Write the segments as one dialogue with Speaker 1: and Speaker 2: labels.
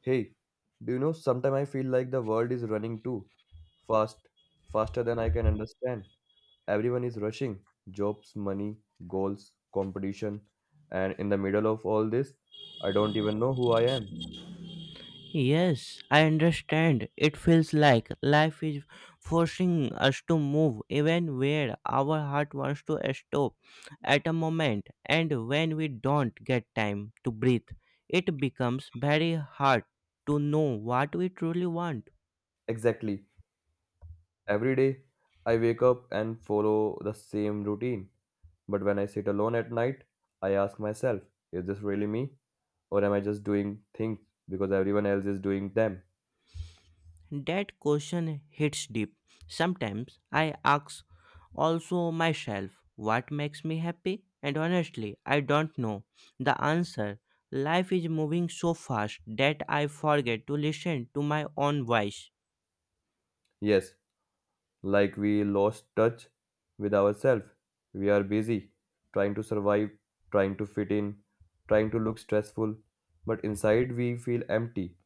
Speaker 1: Hey, do you know sometimes I feel like the world is running too fast, faster than I can understand. Everyone is rushing jobs, money, goals, competition, and in the middle of all this, I don't even know who I am.
Speaker 2: Yes, I understand. It feels like life is forcing us to move even where our heart wants to stop at a moment, and when we don't get time to breathe, it becomes very hard to know what we truly want.
Speaker 1: Exactly. Every day I wake up and follow the same routine. But when I sit alone at night, I ask myself, is this really me? Or am I just doing things because everyone else is doing them?
Speaker 2: That question hits deep. Sometimes I ask also myself what makes me happy, and honestly, I don't know the answer. Life is moving so fast that I forget to listen to my own voice.
Speaker 1: Yes, like we lost touch with ourselves. We are busy trying to survive, trying to fit in, trying to look stressful, but inside we feel empty.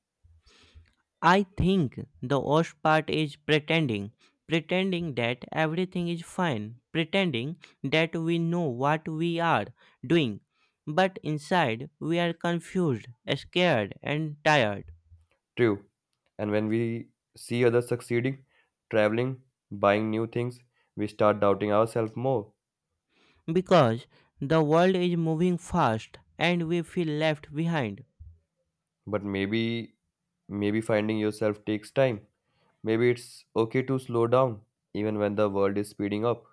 Speaker 2: I think the worst part is pretending. Pretending that everything is fine. Pretending that we know what we are doing. But inside, we are confused, scared, and tired.
Speaker 1: True. And when we see others succeeding, traveling, buying new things, we start doubting ourselves more.
Speaker 2: Because the world is moving fast and we feel left behind.
Speaker 1: But maybe finding yourself takes time. Maybe it's okay to slow down even when the world is speeding up.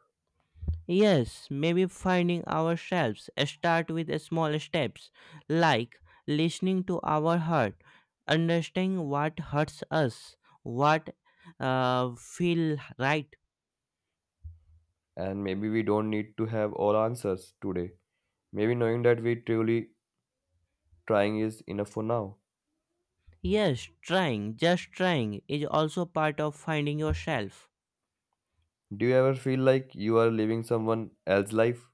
Speaker 2: Yes, maybe finding ourselves start with small steps like listening to our heart, understanding what hurts us, what feel right.
Speaker 1: And maybe we don't need to have all answers today. Maybe knowing that we truly trying is enough for now.
Speaker 2: Yes, trying, just trying is also part of finding yourself.
Speaker 1: Do you ever feel like you are living someone else's life?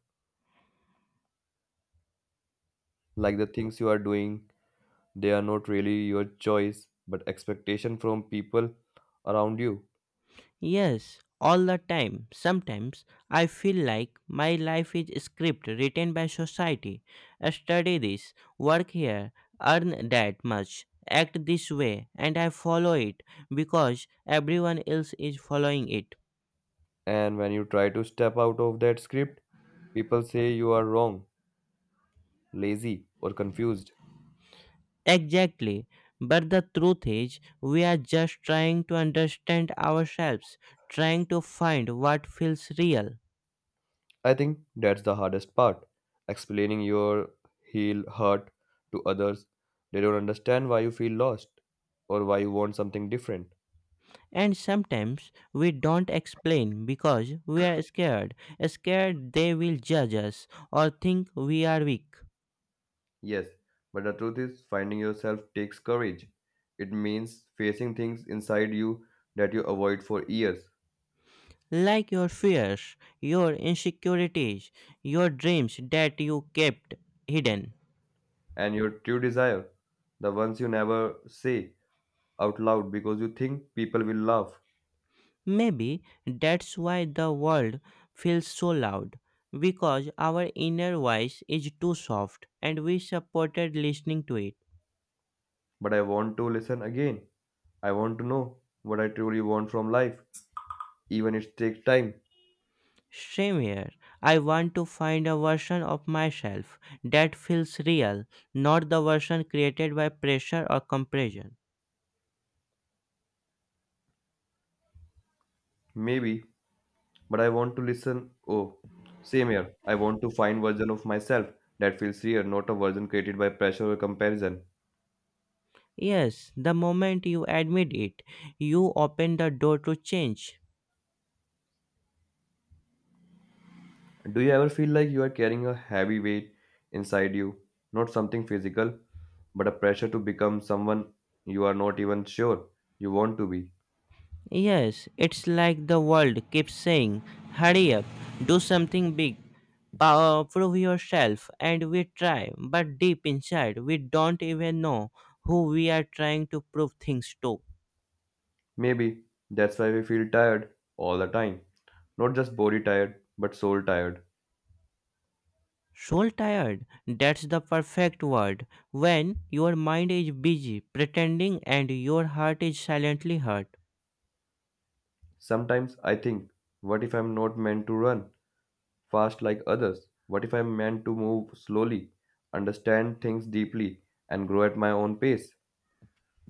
Speaker 1: Like the things you are doing, they are not really your choice, but expectation from people around you.
Speaker 2: Yes, all the time. Sometimes I feel like my life is a script written by society. Study this, work here, earn that much, act this way, and I follow it because everyone else is following it.
Speaker 1: And when you try to step out of that script, people say you are wrong, lazy, or confused.
Speaker 2: Exactly. But the truth is, we are just trying to understand ourselves, trying to find what feels real.
Speaker 1: I think that's the hardest part. Explaining your heel hurt to others, they don't understand why you feel lost or why you want something different.
Speaker 2: And sometimes we don't explain because we are scared. Scared they will judge us or think we are weak.
Speaker 1: Yes, but the truth is, finding yourself takes courage. It means facing things inside you that you avoid for years,
Speaker 2: Like your fears, your insecurities, your dreams that you kept hidden.
Speaker 1: and your true desire, the ones you never say out loud because you think people will laugh.
Speaker 2: Maybe that's why the world feels so loud. Because our inner voice is too soft and we supported listening to it.
Speaker 1: But I want to listen again. I want to know what I truly want from life, even if it takes time,
Speaker 2: Same here. I want to find a version of myself that feels real, not the version created by pressure or compression.
Speaker 1: maybe. But I want to listen. Oh, same here. I want to find version of myself that feels real, not a version created by pressure or comparison.
Speaker 2: Yes, the moment you admit it, you open the door to change.
Speaker 1: Do you ever feel like you are carrying a heavy weight inside you? Not something physical, but a pressure to become someone you are not even sure you want to be.
Speaker 2: Yes, it's like the world keeps saying, hurry up, do something big, prove yourself, and we try, but deep inside, we don't even know who we are trying to prove things to.
Speaker 1: Maybe that's why we feel tired all the time. Not just body tired, but soul tired.
Speaker 2: Soul tired, that's the perfect word. When your mind is busy pretending and your heart is silently hurt.
Speaker 1: Sometimes I think, what if I'm not meant to run fast like others? What if I'm meant to move slowly, understand things deeply, and grow at my own pace?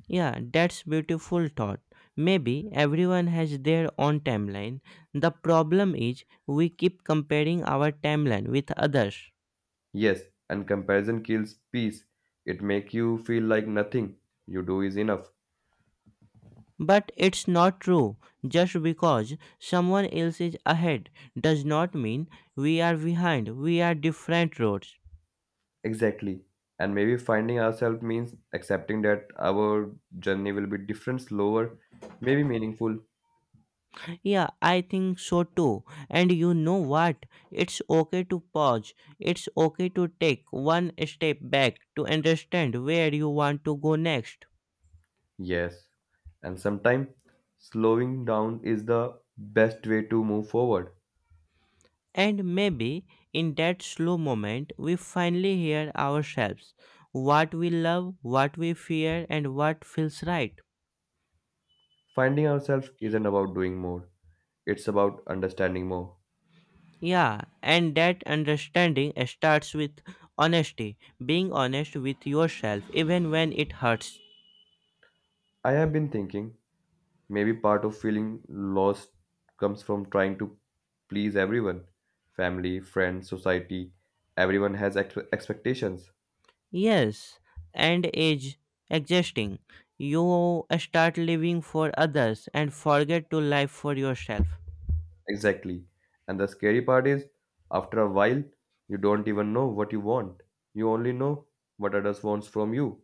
Speaker 2: Yeah, that's beautiful thought. Maybe everyone has their own timeline. The problem is we keep comparing our timeline with others.
Speaker 1: Yes, and comparison kills peace. It makes you feel like nothing you do is enough.
Speaker 2: But it's not true. Just because someone else is ahead does not mean we are behind. We are different roads.
Speaker 1: Exactly. And maybe finding ourselves means accepting that our journey will be different, slower, maybe meaningful.
Speaker 2: Yeah, I think so too. And you know what? It's okay to pause. It's okay to take one step back to understand where you want to go next.
Speaker 1: Yes. And sometimes slowing down is the best way to move forward.
Speaker 2: And maybe in that slow moment, we finally hear ourselves what we love, what we fear, and what feels right.
Speaker 1: Finding ourselves isn't about doing more, it's about understanding more.
Speaker 2: Yeah, and that understanding starts with honesty, being honest with yourself even when it hurts.
Speaker 1: I have been thinking maybe part of feeling lost comes from trying to please everyone family, friends, society. Everyone has expectations.
Speaker 2: Yes, and age exhausting. You start living for others and forget to live for yourself.
Speaker 1: Exactly. And the scary part is, after a while, you don't even know what you want. You only know what others wants from you.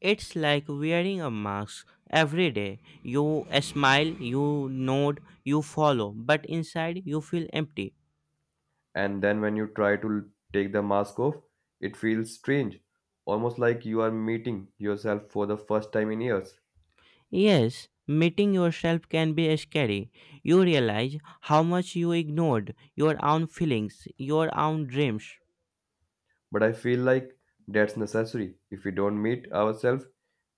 Speaker 2: It's like wearing a mask every day. You smile, you nod, you follow, but inside you feel empty.
Speaker 1: And then when you try to take the mask off, it feels strange, almost like you are meeting yourself for the first time in years.
Speaker 2: Yes, meeting yourself can be scary. You realize how much you ignored your own feelings, your own dreams.
Speaker 1: But I feel like that's necessary. If we don't meet ourselves,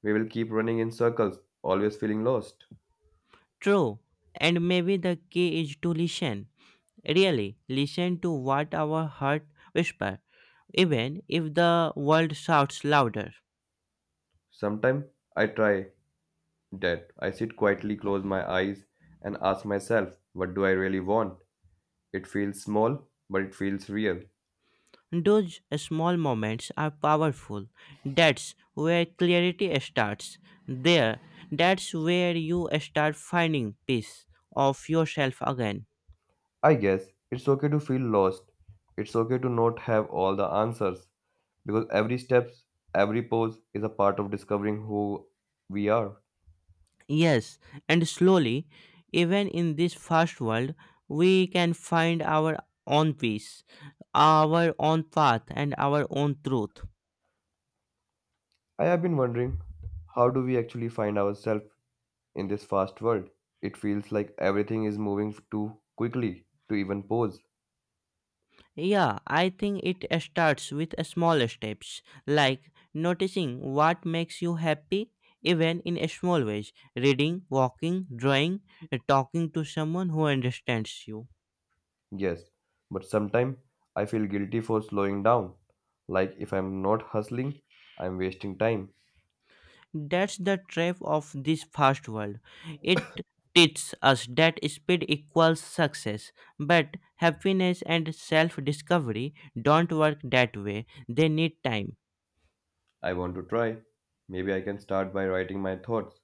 Speaker 1: we will keep running in circles, always feeling lost.
Speaker 2: True, and maybe the key is to listen. Really, listen to what our heart whispers, even if the world shouts louder.
Speaker 1: Sometimes I try that. I sit quietly, close my eyes, and ask myself, what do I really want? It feels small, but it feels real.
Speaker 2: Those small moments are powerful. That's where clarity starts. There, that's where you start finding peace of yourself again.
Speaker 1: I guess it's okay to feel lost. It's okay to not have all the answers because every step, every pause is a part of discovering who we are.
Speaker 2: Yes, and slowly, even in this fast world, we can find our own peace, our own path, and our own truth.
Speaker 1: I have been wondering how do we actually find ourselves in this fast world, it feels like everything is moving too quickly to even pause.
Speaker 2: Yeah, I think it starts with small steps, like noticing what makes you happy, even in small ways reading, walking, drawing, talking to someone who understands you.
Speaker 1: Yes, but sometimes I feel guilty for slowing down. Like if I'm not hustling, I'm wasting time.
Speaker 2: That's the trap of this fast world. It teaches us that speed equals success, but happiness and self discovery don't work that way. They need time.
Speaker 1: I want to try. Maybe I can start by writing my thoughts,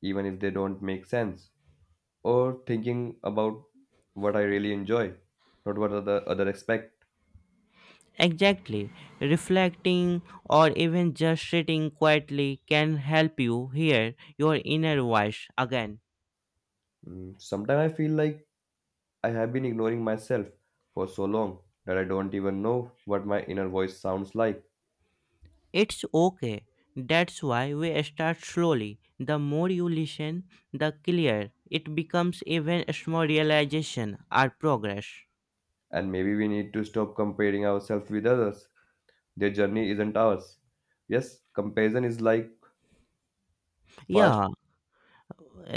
Speaker 1: even if they don't make sense, or thinking about what I really enjoy, not what other expect.
Speaker 2: Exactly. Reflecting or even just sitting quietly can help you hear your inner voice again.
Speaker 1: Sometimes I feel like I have been ignoring myself for so long that I don't even know what my inner voice sounds like.
Speaker 2: It's okay. That's why we start slowly. The more you listen, the clearer it becomes even small realization or progress.
Speaker 1: And maybe we need to stop comparing ourselves with others. Their journey isn't ours. Yes, comparison is like fast.
Speaker 2: Yeah,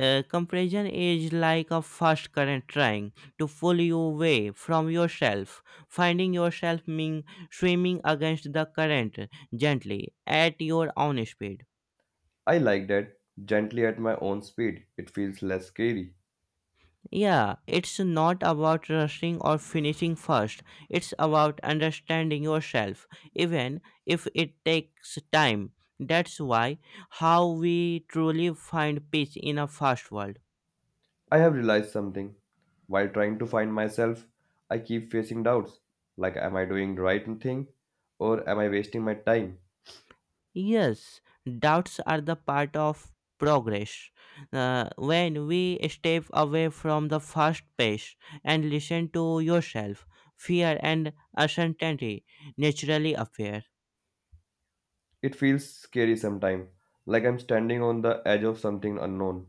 Speaker 2: comparison is like a fast current trying to pull you away from yourself. Finding yourself mean swimming against the current gently at your own speed.
Speaker 1: I like that. Gently at my own speed. It feels less scary.
Speaker 2: Yeah, it's not about rushing or finishing first. It's about understanding yourself, even if it takes time. That's why how we truly find peace in a fast world.
Speaker 1: I have realized something. While trying to find myself, I keep facing doubts. Like, am I doing the right thing? Or am I wasting my time?
Speaker 2: Yes, doubts are the part of progress. When we step away from the fast pace and listen to yourself, fear and uncertainty naturally appear.
Speaker 1: It feels scary sometimes, like I'm standing on the edge of something unknown.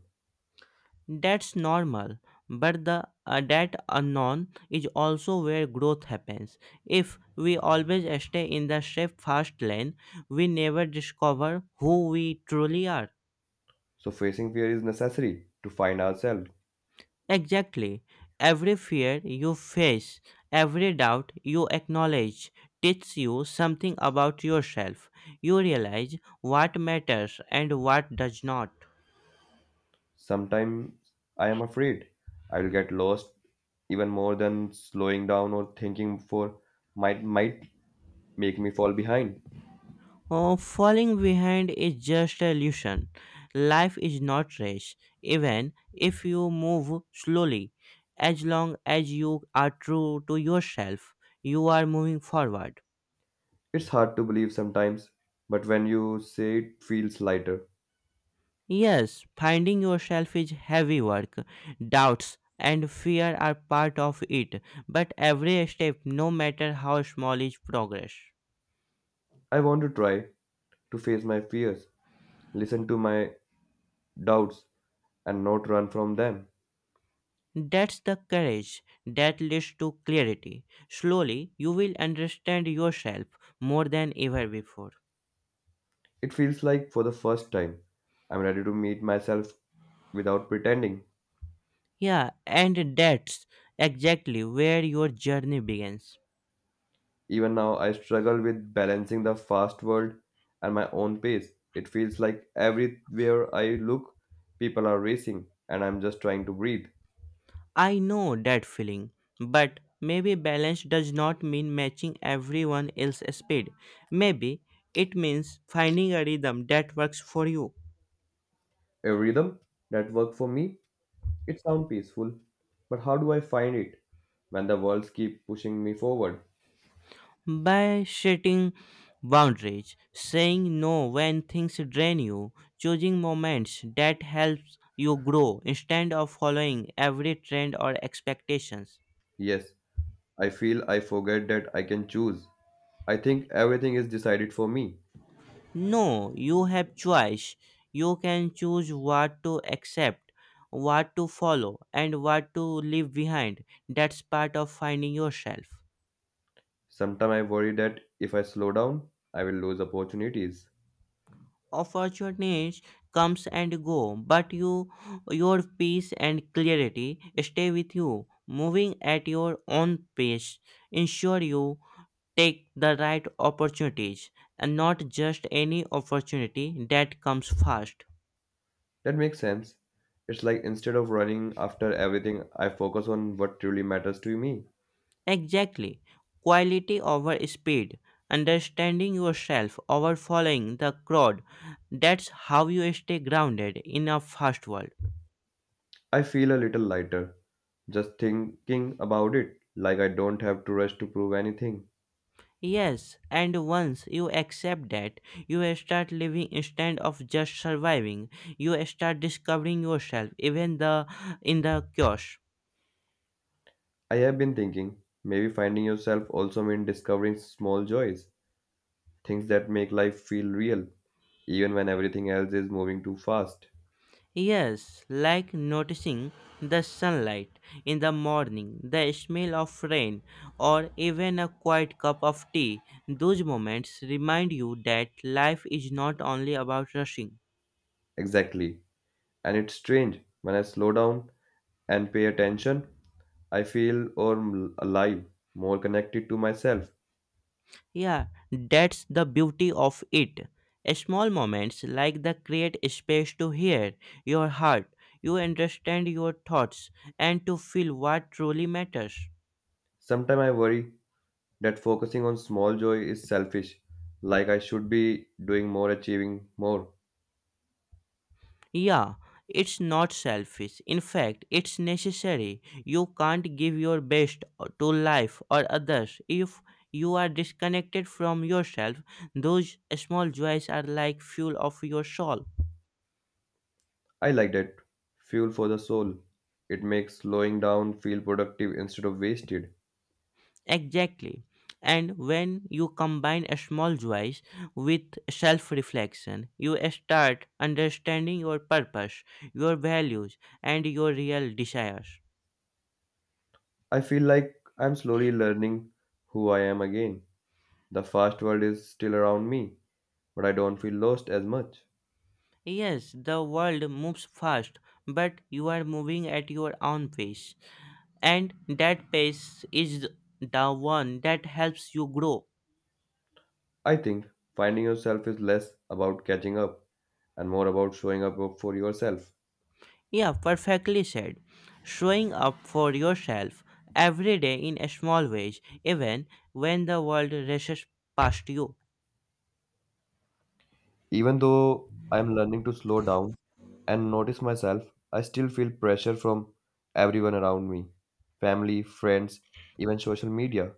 Speaker 2: That's normal, but the that unknown is also where growth happens. If we always stay in the safe fast lane, we never discover who we truly are.
Speaker 1: So, facing fear is necessary to find ourselves.
Speaker 2: Exactly. Every fear you face, every doubt you acknowledge teaches you something about yourself. You realize what matters and what does not.
Speaker 1: Sometimes I am afraid I will get lost even more than slowing down or thinking for might make me fall behind.
Speaker 2: Oh, falling behind is just a illusion. Life is not race, even if you move slowly. As long as you are true to yourself, you are moving forward.
Speaker 1: It's hard to believe sometimes, but when you say it feels lighter.
Speaker 2: Yes, finding yourself is heavy work. Doubts and fear are part of it, but every step, no matter how small, is progress.
Speaker 1: I want to try to face my fears, listen to my doubts and not run from them.
Speaker 2: That's the courage that leads to clarity. Slowly, you will understand yourself more than ever before.
Speaker 1: It feels like for the first time I'm ready to meet myself without pretending.
Speaker 2: Yeah, and that's exactly where your journey begins.
Speaker 1: Even now, I struggle with balancing the fast world and my own pace. It feels like everywhere I look, people are racing, and I'm just trying to breathe.
Speaker 2: I know that feeling, but maybe balance does not mean matching everyone else's speed. Maybe it means finding a rhythm that works for you.
Speaker 1: A rhythm that works for me, it sounds peaceful, but how do I find it when the worlds keep pushing me forward?
Speaker 2: By setting boundaries, saying no when things drain you, choosing moments that helps you grow instead of following every trend or expectations.
Speaker 1: Yes, I feel I forget that I can choose. I think everything is decided for me.
Speaker 2: No, you have choice. You can choose what to accept, what to follow, and what to leave behind. That's part of finding yourself.
Speaker 1: Sometimes I worry that if I slow down, I will lose opportunities.
Speaker 2: Opportunities comes and go, but you, your peace and clarity stay with you. Moving at your own pace ensure you take the right opportunities and not just any opportunity that comes fast.
Speaker 1: That makes sense. It's like instead of running after everything, I focus on what truly matters to me.
Speaker 2: Exactly, quality over speed, understanding yourself over following the crowd. That's how you stay grounded in a fast world.
Speaker 1: I feel a little lighter just thinking about it, like I don't have to rush to prove anything.
Speaker 2: Yes, and once you accept that, you start living instead of just surviving. You start discovering yourself, even the in the chaos.
Speaker 1: I have been thinking maybe finding yourself also means discovering small joys, things that make life feel real, even when everything else is moving too fast.
Speaker 2: Yes, like noticing the sunlight in the morning, the smell of rain, or even a quiet cup of tea. Those moments remind you that life is not only about rushing.
Speaker 1: Exactly. And it's strange when I slow down and pay attention, I feel or alive, more connected to myself.
Speaker 2: Yeah, that's the beauty of it. Small moments like that create space to hear your heart, you understand your thoughts, and to feel what truly matters.
Speaker 1: Sometimes I worry that focusing on small joy is selfish, like I should be doing more, achieving more.
Speaker 2: Yeah, it's not selfish. In fact, it's necessary. You can't give your best to life or others if you are disconnected from yourself. Those small joys are like fuel of your soul.
Speaker 1: I like that. Fuel for the soul. It makes slowing down feel productive instead of wasted.
Speaker 2: Exactly. And when you combine a small joys with self reflection, you start understanding your purpose, your values, and your real desires.
Speaker 1: I feel like I'm slowly learning who I am again. The fast world is still around me, but I don't feel lost as much.
Speaker 2: Yes, the world moves fast, but you are moving at your own pace. And that pace is the one that helps you grow.
Speaker 1: I think finding yourself is less about catching up and more about showing up for yourself.
Speaker 2: Yeah, perfectly said. Showing up for yourself every day in a small ways, even when the world rushes past you.
Speaker 1: Even though I'm learning to slow down and notice myself, I still feel pressure from everyone around me family, friends, even social media.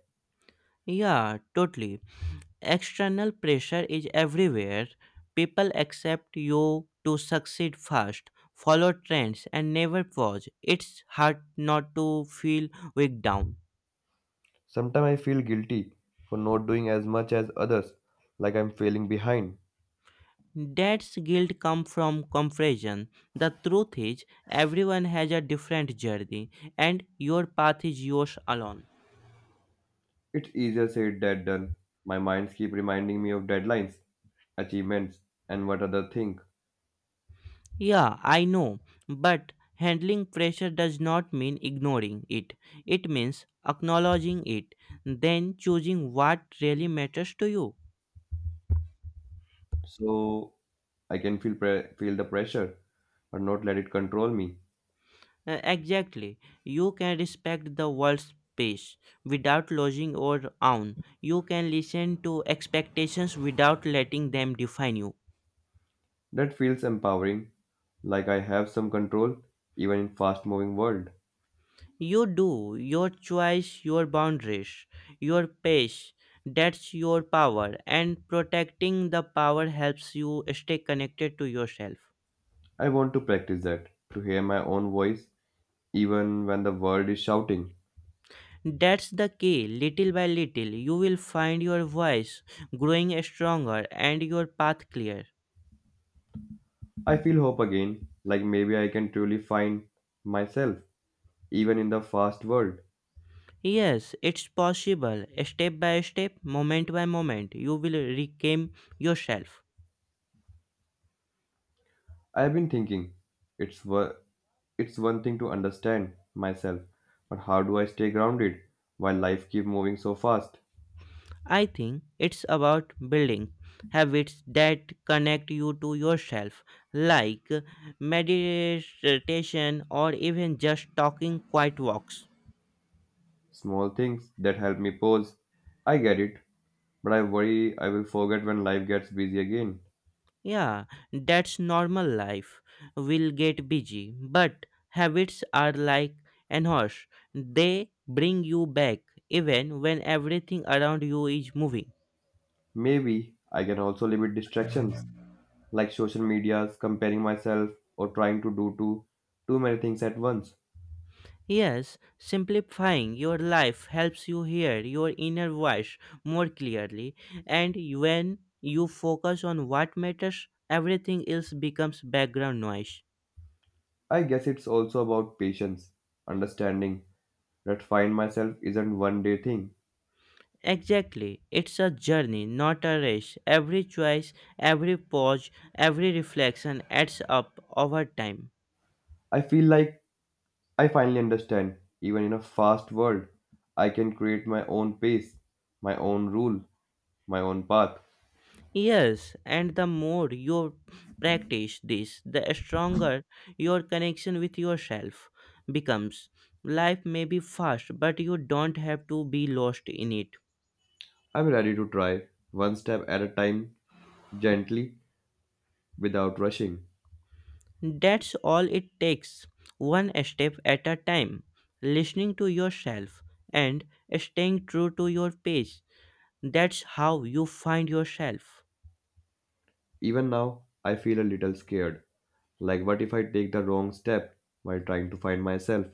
Speaker 2: Yeah, totally. External pressure is everywhere. People accept you to succeed fast, follow trends, and never pause. It's hard not to feel weak down.
Speaker 1: Sometimes I feel guilty for not doing as much as others, like I'm failing behind.
Speaker 2: Dad's guilt come from comparison. The truth is, everyone has a different journey, and your path is yours alone.
Speaker 1: It's easier said than done. My minds keep reminding me of deadlines, achievements, and what others think.
Speaker 2: Yeah, I know, but handling pressure does not mean ignoring it. It means acknowledging it, then choosing what really matters to you.
Speaker 1: So I can feel feel the pressure, but not let it control me.
Speaker 2: Exactly. You can respect the world's pace without losing your own. You can listen to expectations without letting them define you.
Speaker 1: That feels empowering, like I have some control even in fast-moving world.
Speaker 2: You do, your choice, your boundaries, your pace, that's your power, and protecting the power helps you stay connected to yourself.
Speaker 1: I want to practice that, to hear my own voice even when the world is shouting.
Speaker 2: That's the key. Little by little, you will find your voice growing stronger and your path clear.
Speaker 1: I feel hope again, like maybe I can truly find myself even in the fast world.
Speaker 2: Yes, it's possible. Step by step, moment by moment, you will reclaim yourself.
Speaker 1: I've been thinking it's wo- it's one thing to understand myself, but how do I stay grounded while life keep moving so fast?
Speaker 2: I think it's about building habits that connect you to yourself, like meditation or even just talking quiet walks.
Speaker 1: Small things that help me pause. I get it, but I worry I will forget when life gets busy again.
Speaker 2: Yeah, that's normal life. We'll get busy, but habits are like an horse, they bring you back even when everything around you is moving.
Speaker 1: Maybe I can also limit distractions like social medias, comparing myself, or trying to do too many things at once.
Speaker 2: Yes, simplifying your life helps you hear your inner voice more clearly, and when you focus on what matters, everything else becomes background noise.
Speaker 1: I guess it's also about patience, understanding that find myself isn't one day thing.
Speaker 2: Exactly, it's a journey, not a race. Every choice, every pause, every reflection adds up over time.
Speaker 1: I feel like I finally understand, even in a fast world, I can create my own pace, my own rule, my own path.
Speaker 2: Yes, and the more you practice this, the stronger your connection with yourself becomes. Life may be fast, but you don't have to be lost in it.
Speaker 1: I'm ready to try one step at a time, gently, without rushing.
Speaker 2: That's all it takes, one step at a time. Listening to yourself and staying true to your pace. That's how you find yourself.
Speaker 1: Even now, I feel a little scared like, what if I take the wrong step while trying to find myself?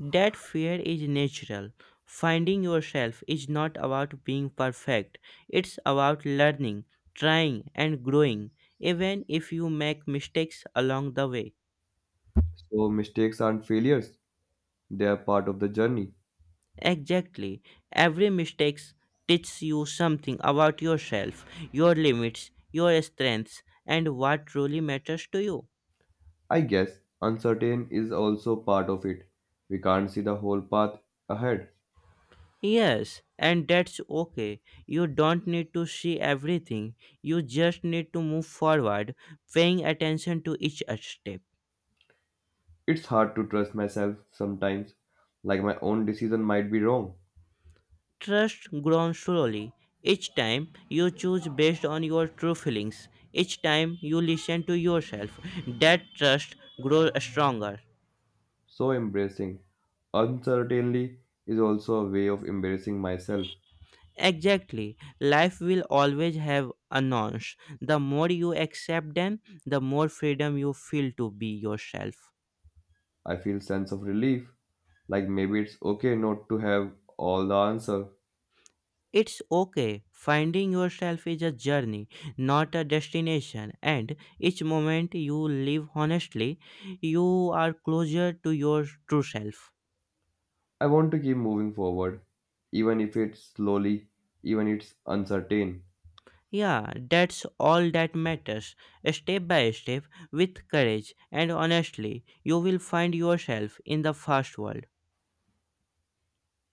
Speaker 2: That fear is natural. Finding yourself is not about being perfect, it's about learning, trying, and growing, even if you make mistakes along the way.
Speaker 1: So, mistakes aren't failures, they are part of the journey.
Speaker 2: Exactly. Every mistake teaches you something about yourself, your limits, your strengths, and what truly matters to you.
Speaker 1: I guess uncertain is also part of it. We can't see the whole path ahead.
Speaker 2: Yes, and that's okay. You don't need to see everything, you just need to move forward, paying attention to each step.
Speaker 1: It's hard to trust myself sometimes, like my own decision might be wrong.
Speaker 2: Trust grows slowly. Each time you choose based on your true feelings, each time you listen to yourself, that trust grows stronger.
Speaker 1: So, embracing uncertainty is also a way of embracing myself.
Speaker 2: Exactly. Life will always have a nonce. The more you accept them, the more freedom you feel to be yourself.
Speaker 1: I feel sense of relief, like maybe it's okay not to have all the answer.
Speaker 2: It's okay. Finding yourself is a journey, not a destination. And each moment you live honestly, you are closer to your true self.
Speaker 1: I want to keep moving forward, even if it's slowly, even it's uncertain.
Speaker 2: Yeah, that's all that matters. Step by step, with courage and honestly, you will find yourself in the fast world.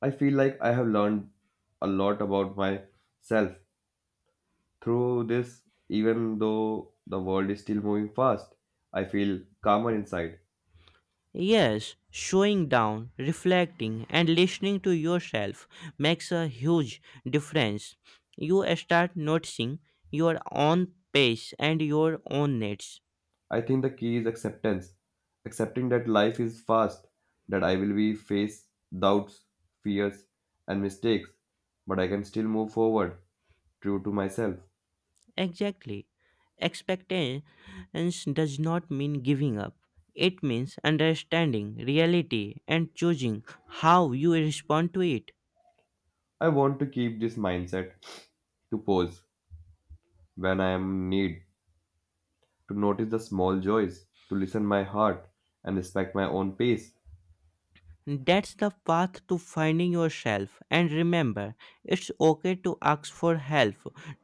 Speaker 1: I feel like I have learned a lot about myself through this, even though the world is still moving fast. I feel calmer inside.
Speaker 2: Yes, slowing down, reflecting, and listening to yourself makes a huge difference. You start noticing your own pace and your own needs.
Speaker 1: I think the key is acceptance, accepting that life is fast, that I will be face doubts, fears, and mistakes, but I can still move forward, true to myself.
Speaker 2: Exactly. Expectance does not mean giving up. It means understanding reality and choosing how you respond to it.
Speaker 1: I want to keep this mindset to pause when I am in need, to notice the small joys, to listen my heart and respect my own pace.
Speaker 2: That's the path to finding yourself. And remember, it's okay to ask for help,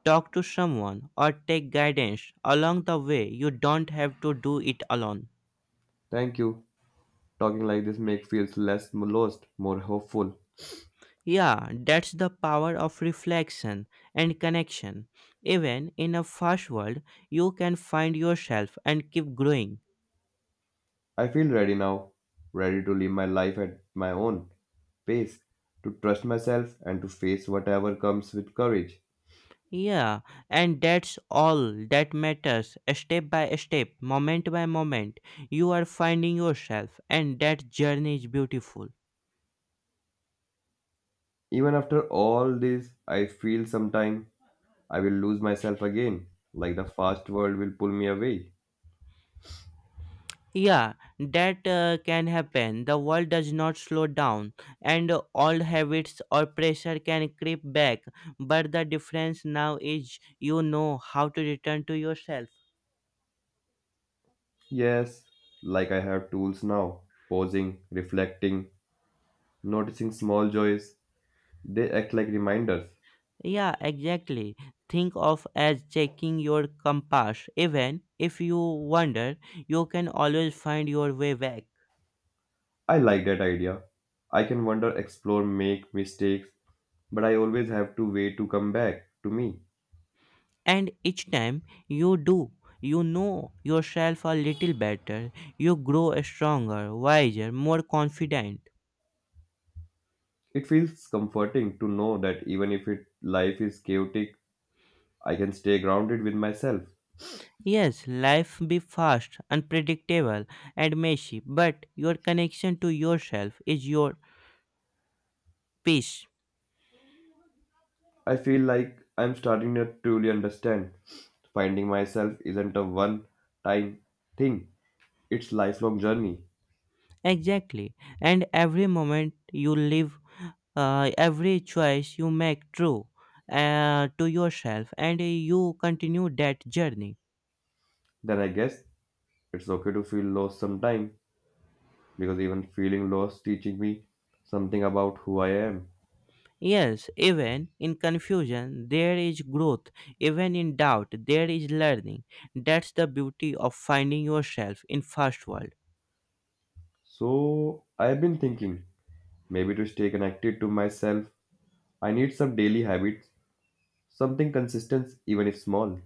Speaker 2: talk to someone, or take guidance along the way. You don't have to do it alone.
Speaker 1: Thank you. Talking like this makes feels less lost, more hopeful.
Speaker 2: Yeah, that's the power of reflection and connection. Even in a fast world, you can find yourself and keep growing.
Speaker 1: I feel ready now, ready to live my life at my own pace, to trust myself and to face whatever comes with courage.
Speaker 2: Yeah, and that's all that matters. Step by step, moment by moment, you are finding yourself, and that journey is beautiful.
Speaker 1: Even after all this, I feel sometime I will lose myself again, like the fast world will pull me away.
Speaker 2: Yeah, that can happen. The world does not slow down, and old habits or pressure can creep back. But the difference now is you know how to return to yourself.
Speaker 1: Yes, like I have tools now, pausing, reflecting, noticing small joys, they act like reminders.
Speaker 2: Yeah, exactly. Think of as checking your compass. Even if you wander, you can always find your way back.
Speaker 1: I like that idea. I can wander, explore, make mistakes, but I always have to wait to come back to me.
Speaker 2: And each time you do, you know yourself a little better. You grow stronger, wiser, more confident.
Speaker 1: It feels comforting to know that even if it, life is chaotic, I can stay grounded with myself.
Speaker 2: Yes, life be fast, unpredictable, and messy, but your connection to yourself is your peace.
Speaker 1: I feel like I'm starting to truly understand. Finding myself isn't a one time thing, it's lifelong journey.
Speaker 2: Exactly. And every moment you live, every choice you make true to yourself, and you continue that journey.
Speaker 1: Then I guess it's okay to feel lost sometime. Because even feeling lost teaching me something about who I am.
Speaker 2: Yes, even in confusion, there is growth. Even in doubt, there is learning. That's the beauty of finding yourself in fast world.
Speaker 1: So I've been thinking maybe to stay connected to myself, I need some daily habits, something consistent even if small.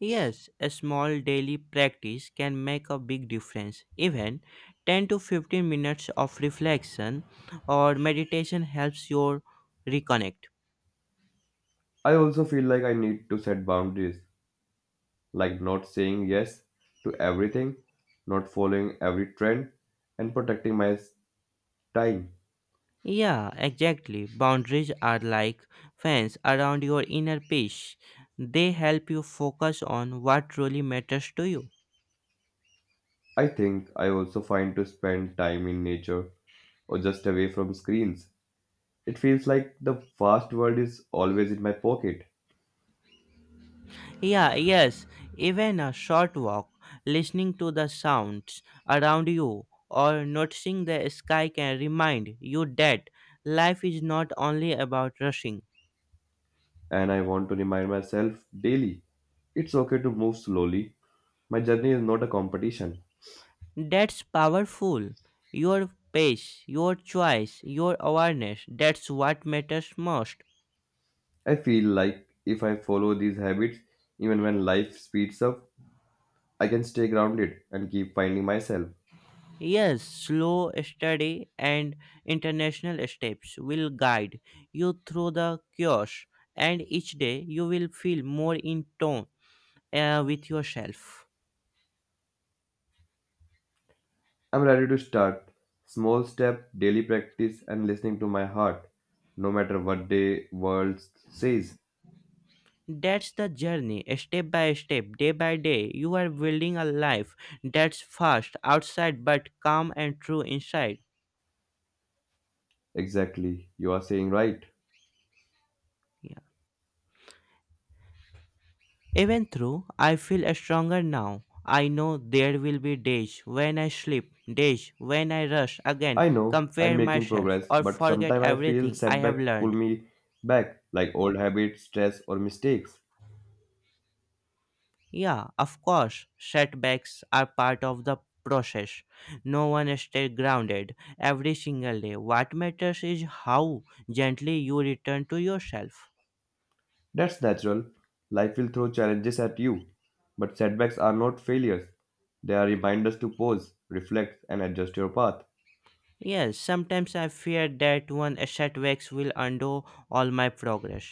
Speaker 2: Yes, a small daily practice can make a big difference. Even 10 to 15 minutes of reflection or meditation helps your reconnect.
Speaker 1: I also feel like I need to set boundaries, like not saying yes to everything, not following every trend, and protecting my time.
Speaker 2: Yeah, exactly. Boundaries are like fence around your inner peace. They help you focus on what truly matters to you.
Speaker 1: I think I also find to spend time in nature or just away from screens. It feels like the fast world is always in my pocket
Speaker 2: Yeah, yes, even a short walk, listening to the sounds around you or noticing the sky can remind you that life is not only about rushing.
Speaker 1: and I want to remind myself daily it's okay to move slowly. My journey is not a competition.
Speaker 2: That's powerful. Your pace, your choice, your awareness, that's what matters most.
Speaker 1: I feel like if I follow these habits, even when life speeds up, I can stay grounded and keep finding myself.
Speaker 2: Yes, slow, steady, and international steps will guide you through the chaos, and each day you will feel more in tone with yourself.
Speaker 1: I'm ready to start. Small step, daily practice, and listening to my heart, no matter what the world says.
Speaker 2: That's the journey, step by step, day by day. You are building a life that's fast outside but calm and true inside.
Speaker 1: Exactly, you are saying right.
Speaker 2: Yeah. Even though I feel stronger now, I know there will be days when I sleep, days when I rush again,
Speaker 1: I know I'm
Speaker 2: compare
Speaker 1: making
Speaker 2: myself,
Speaker 1: progress,
Speaker 2: or
Speaker 1: but
Speaker 2: forget
Speaker 1: sometimes I feel
Speaker 2: everything I have
Speaker 1: setback pull
Speaker 2: learned.
Speaker 1: me back, like old habits, stress, or mistakes.
Speaker 2: Yeah, of course, setbacks are part of the process. No one stays grounded every single day. What matters is how gently you return to yourself.
Speaker 1: That's natural. Life will throw challenges at you, but setbacks are not failures. They are reminders to pause, reflect, and adjust your path.
Speaker 2: Yes, sometimes I fear that one setbacks will undo all my progress.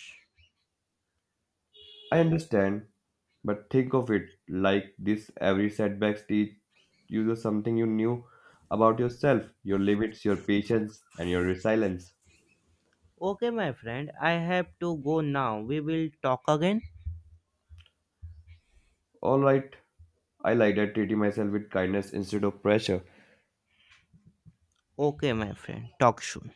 Speaker 1: I understand, but think of it like this every setback teaches you something you knew about yourself, your limits, your patience, and your resilience.
Speaker 2: Okay, my friend, I have to go now. We will talk again.
Speaker 1: Alright, I like that treating myself with kindness instead of pressure.
Speaker 2: Okay, my friend, talk soon.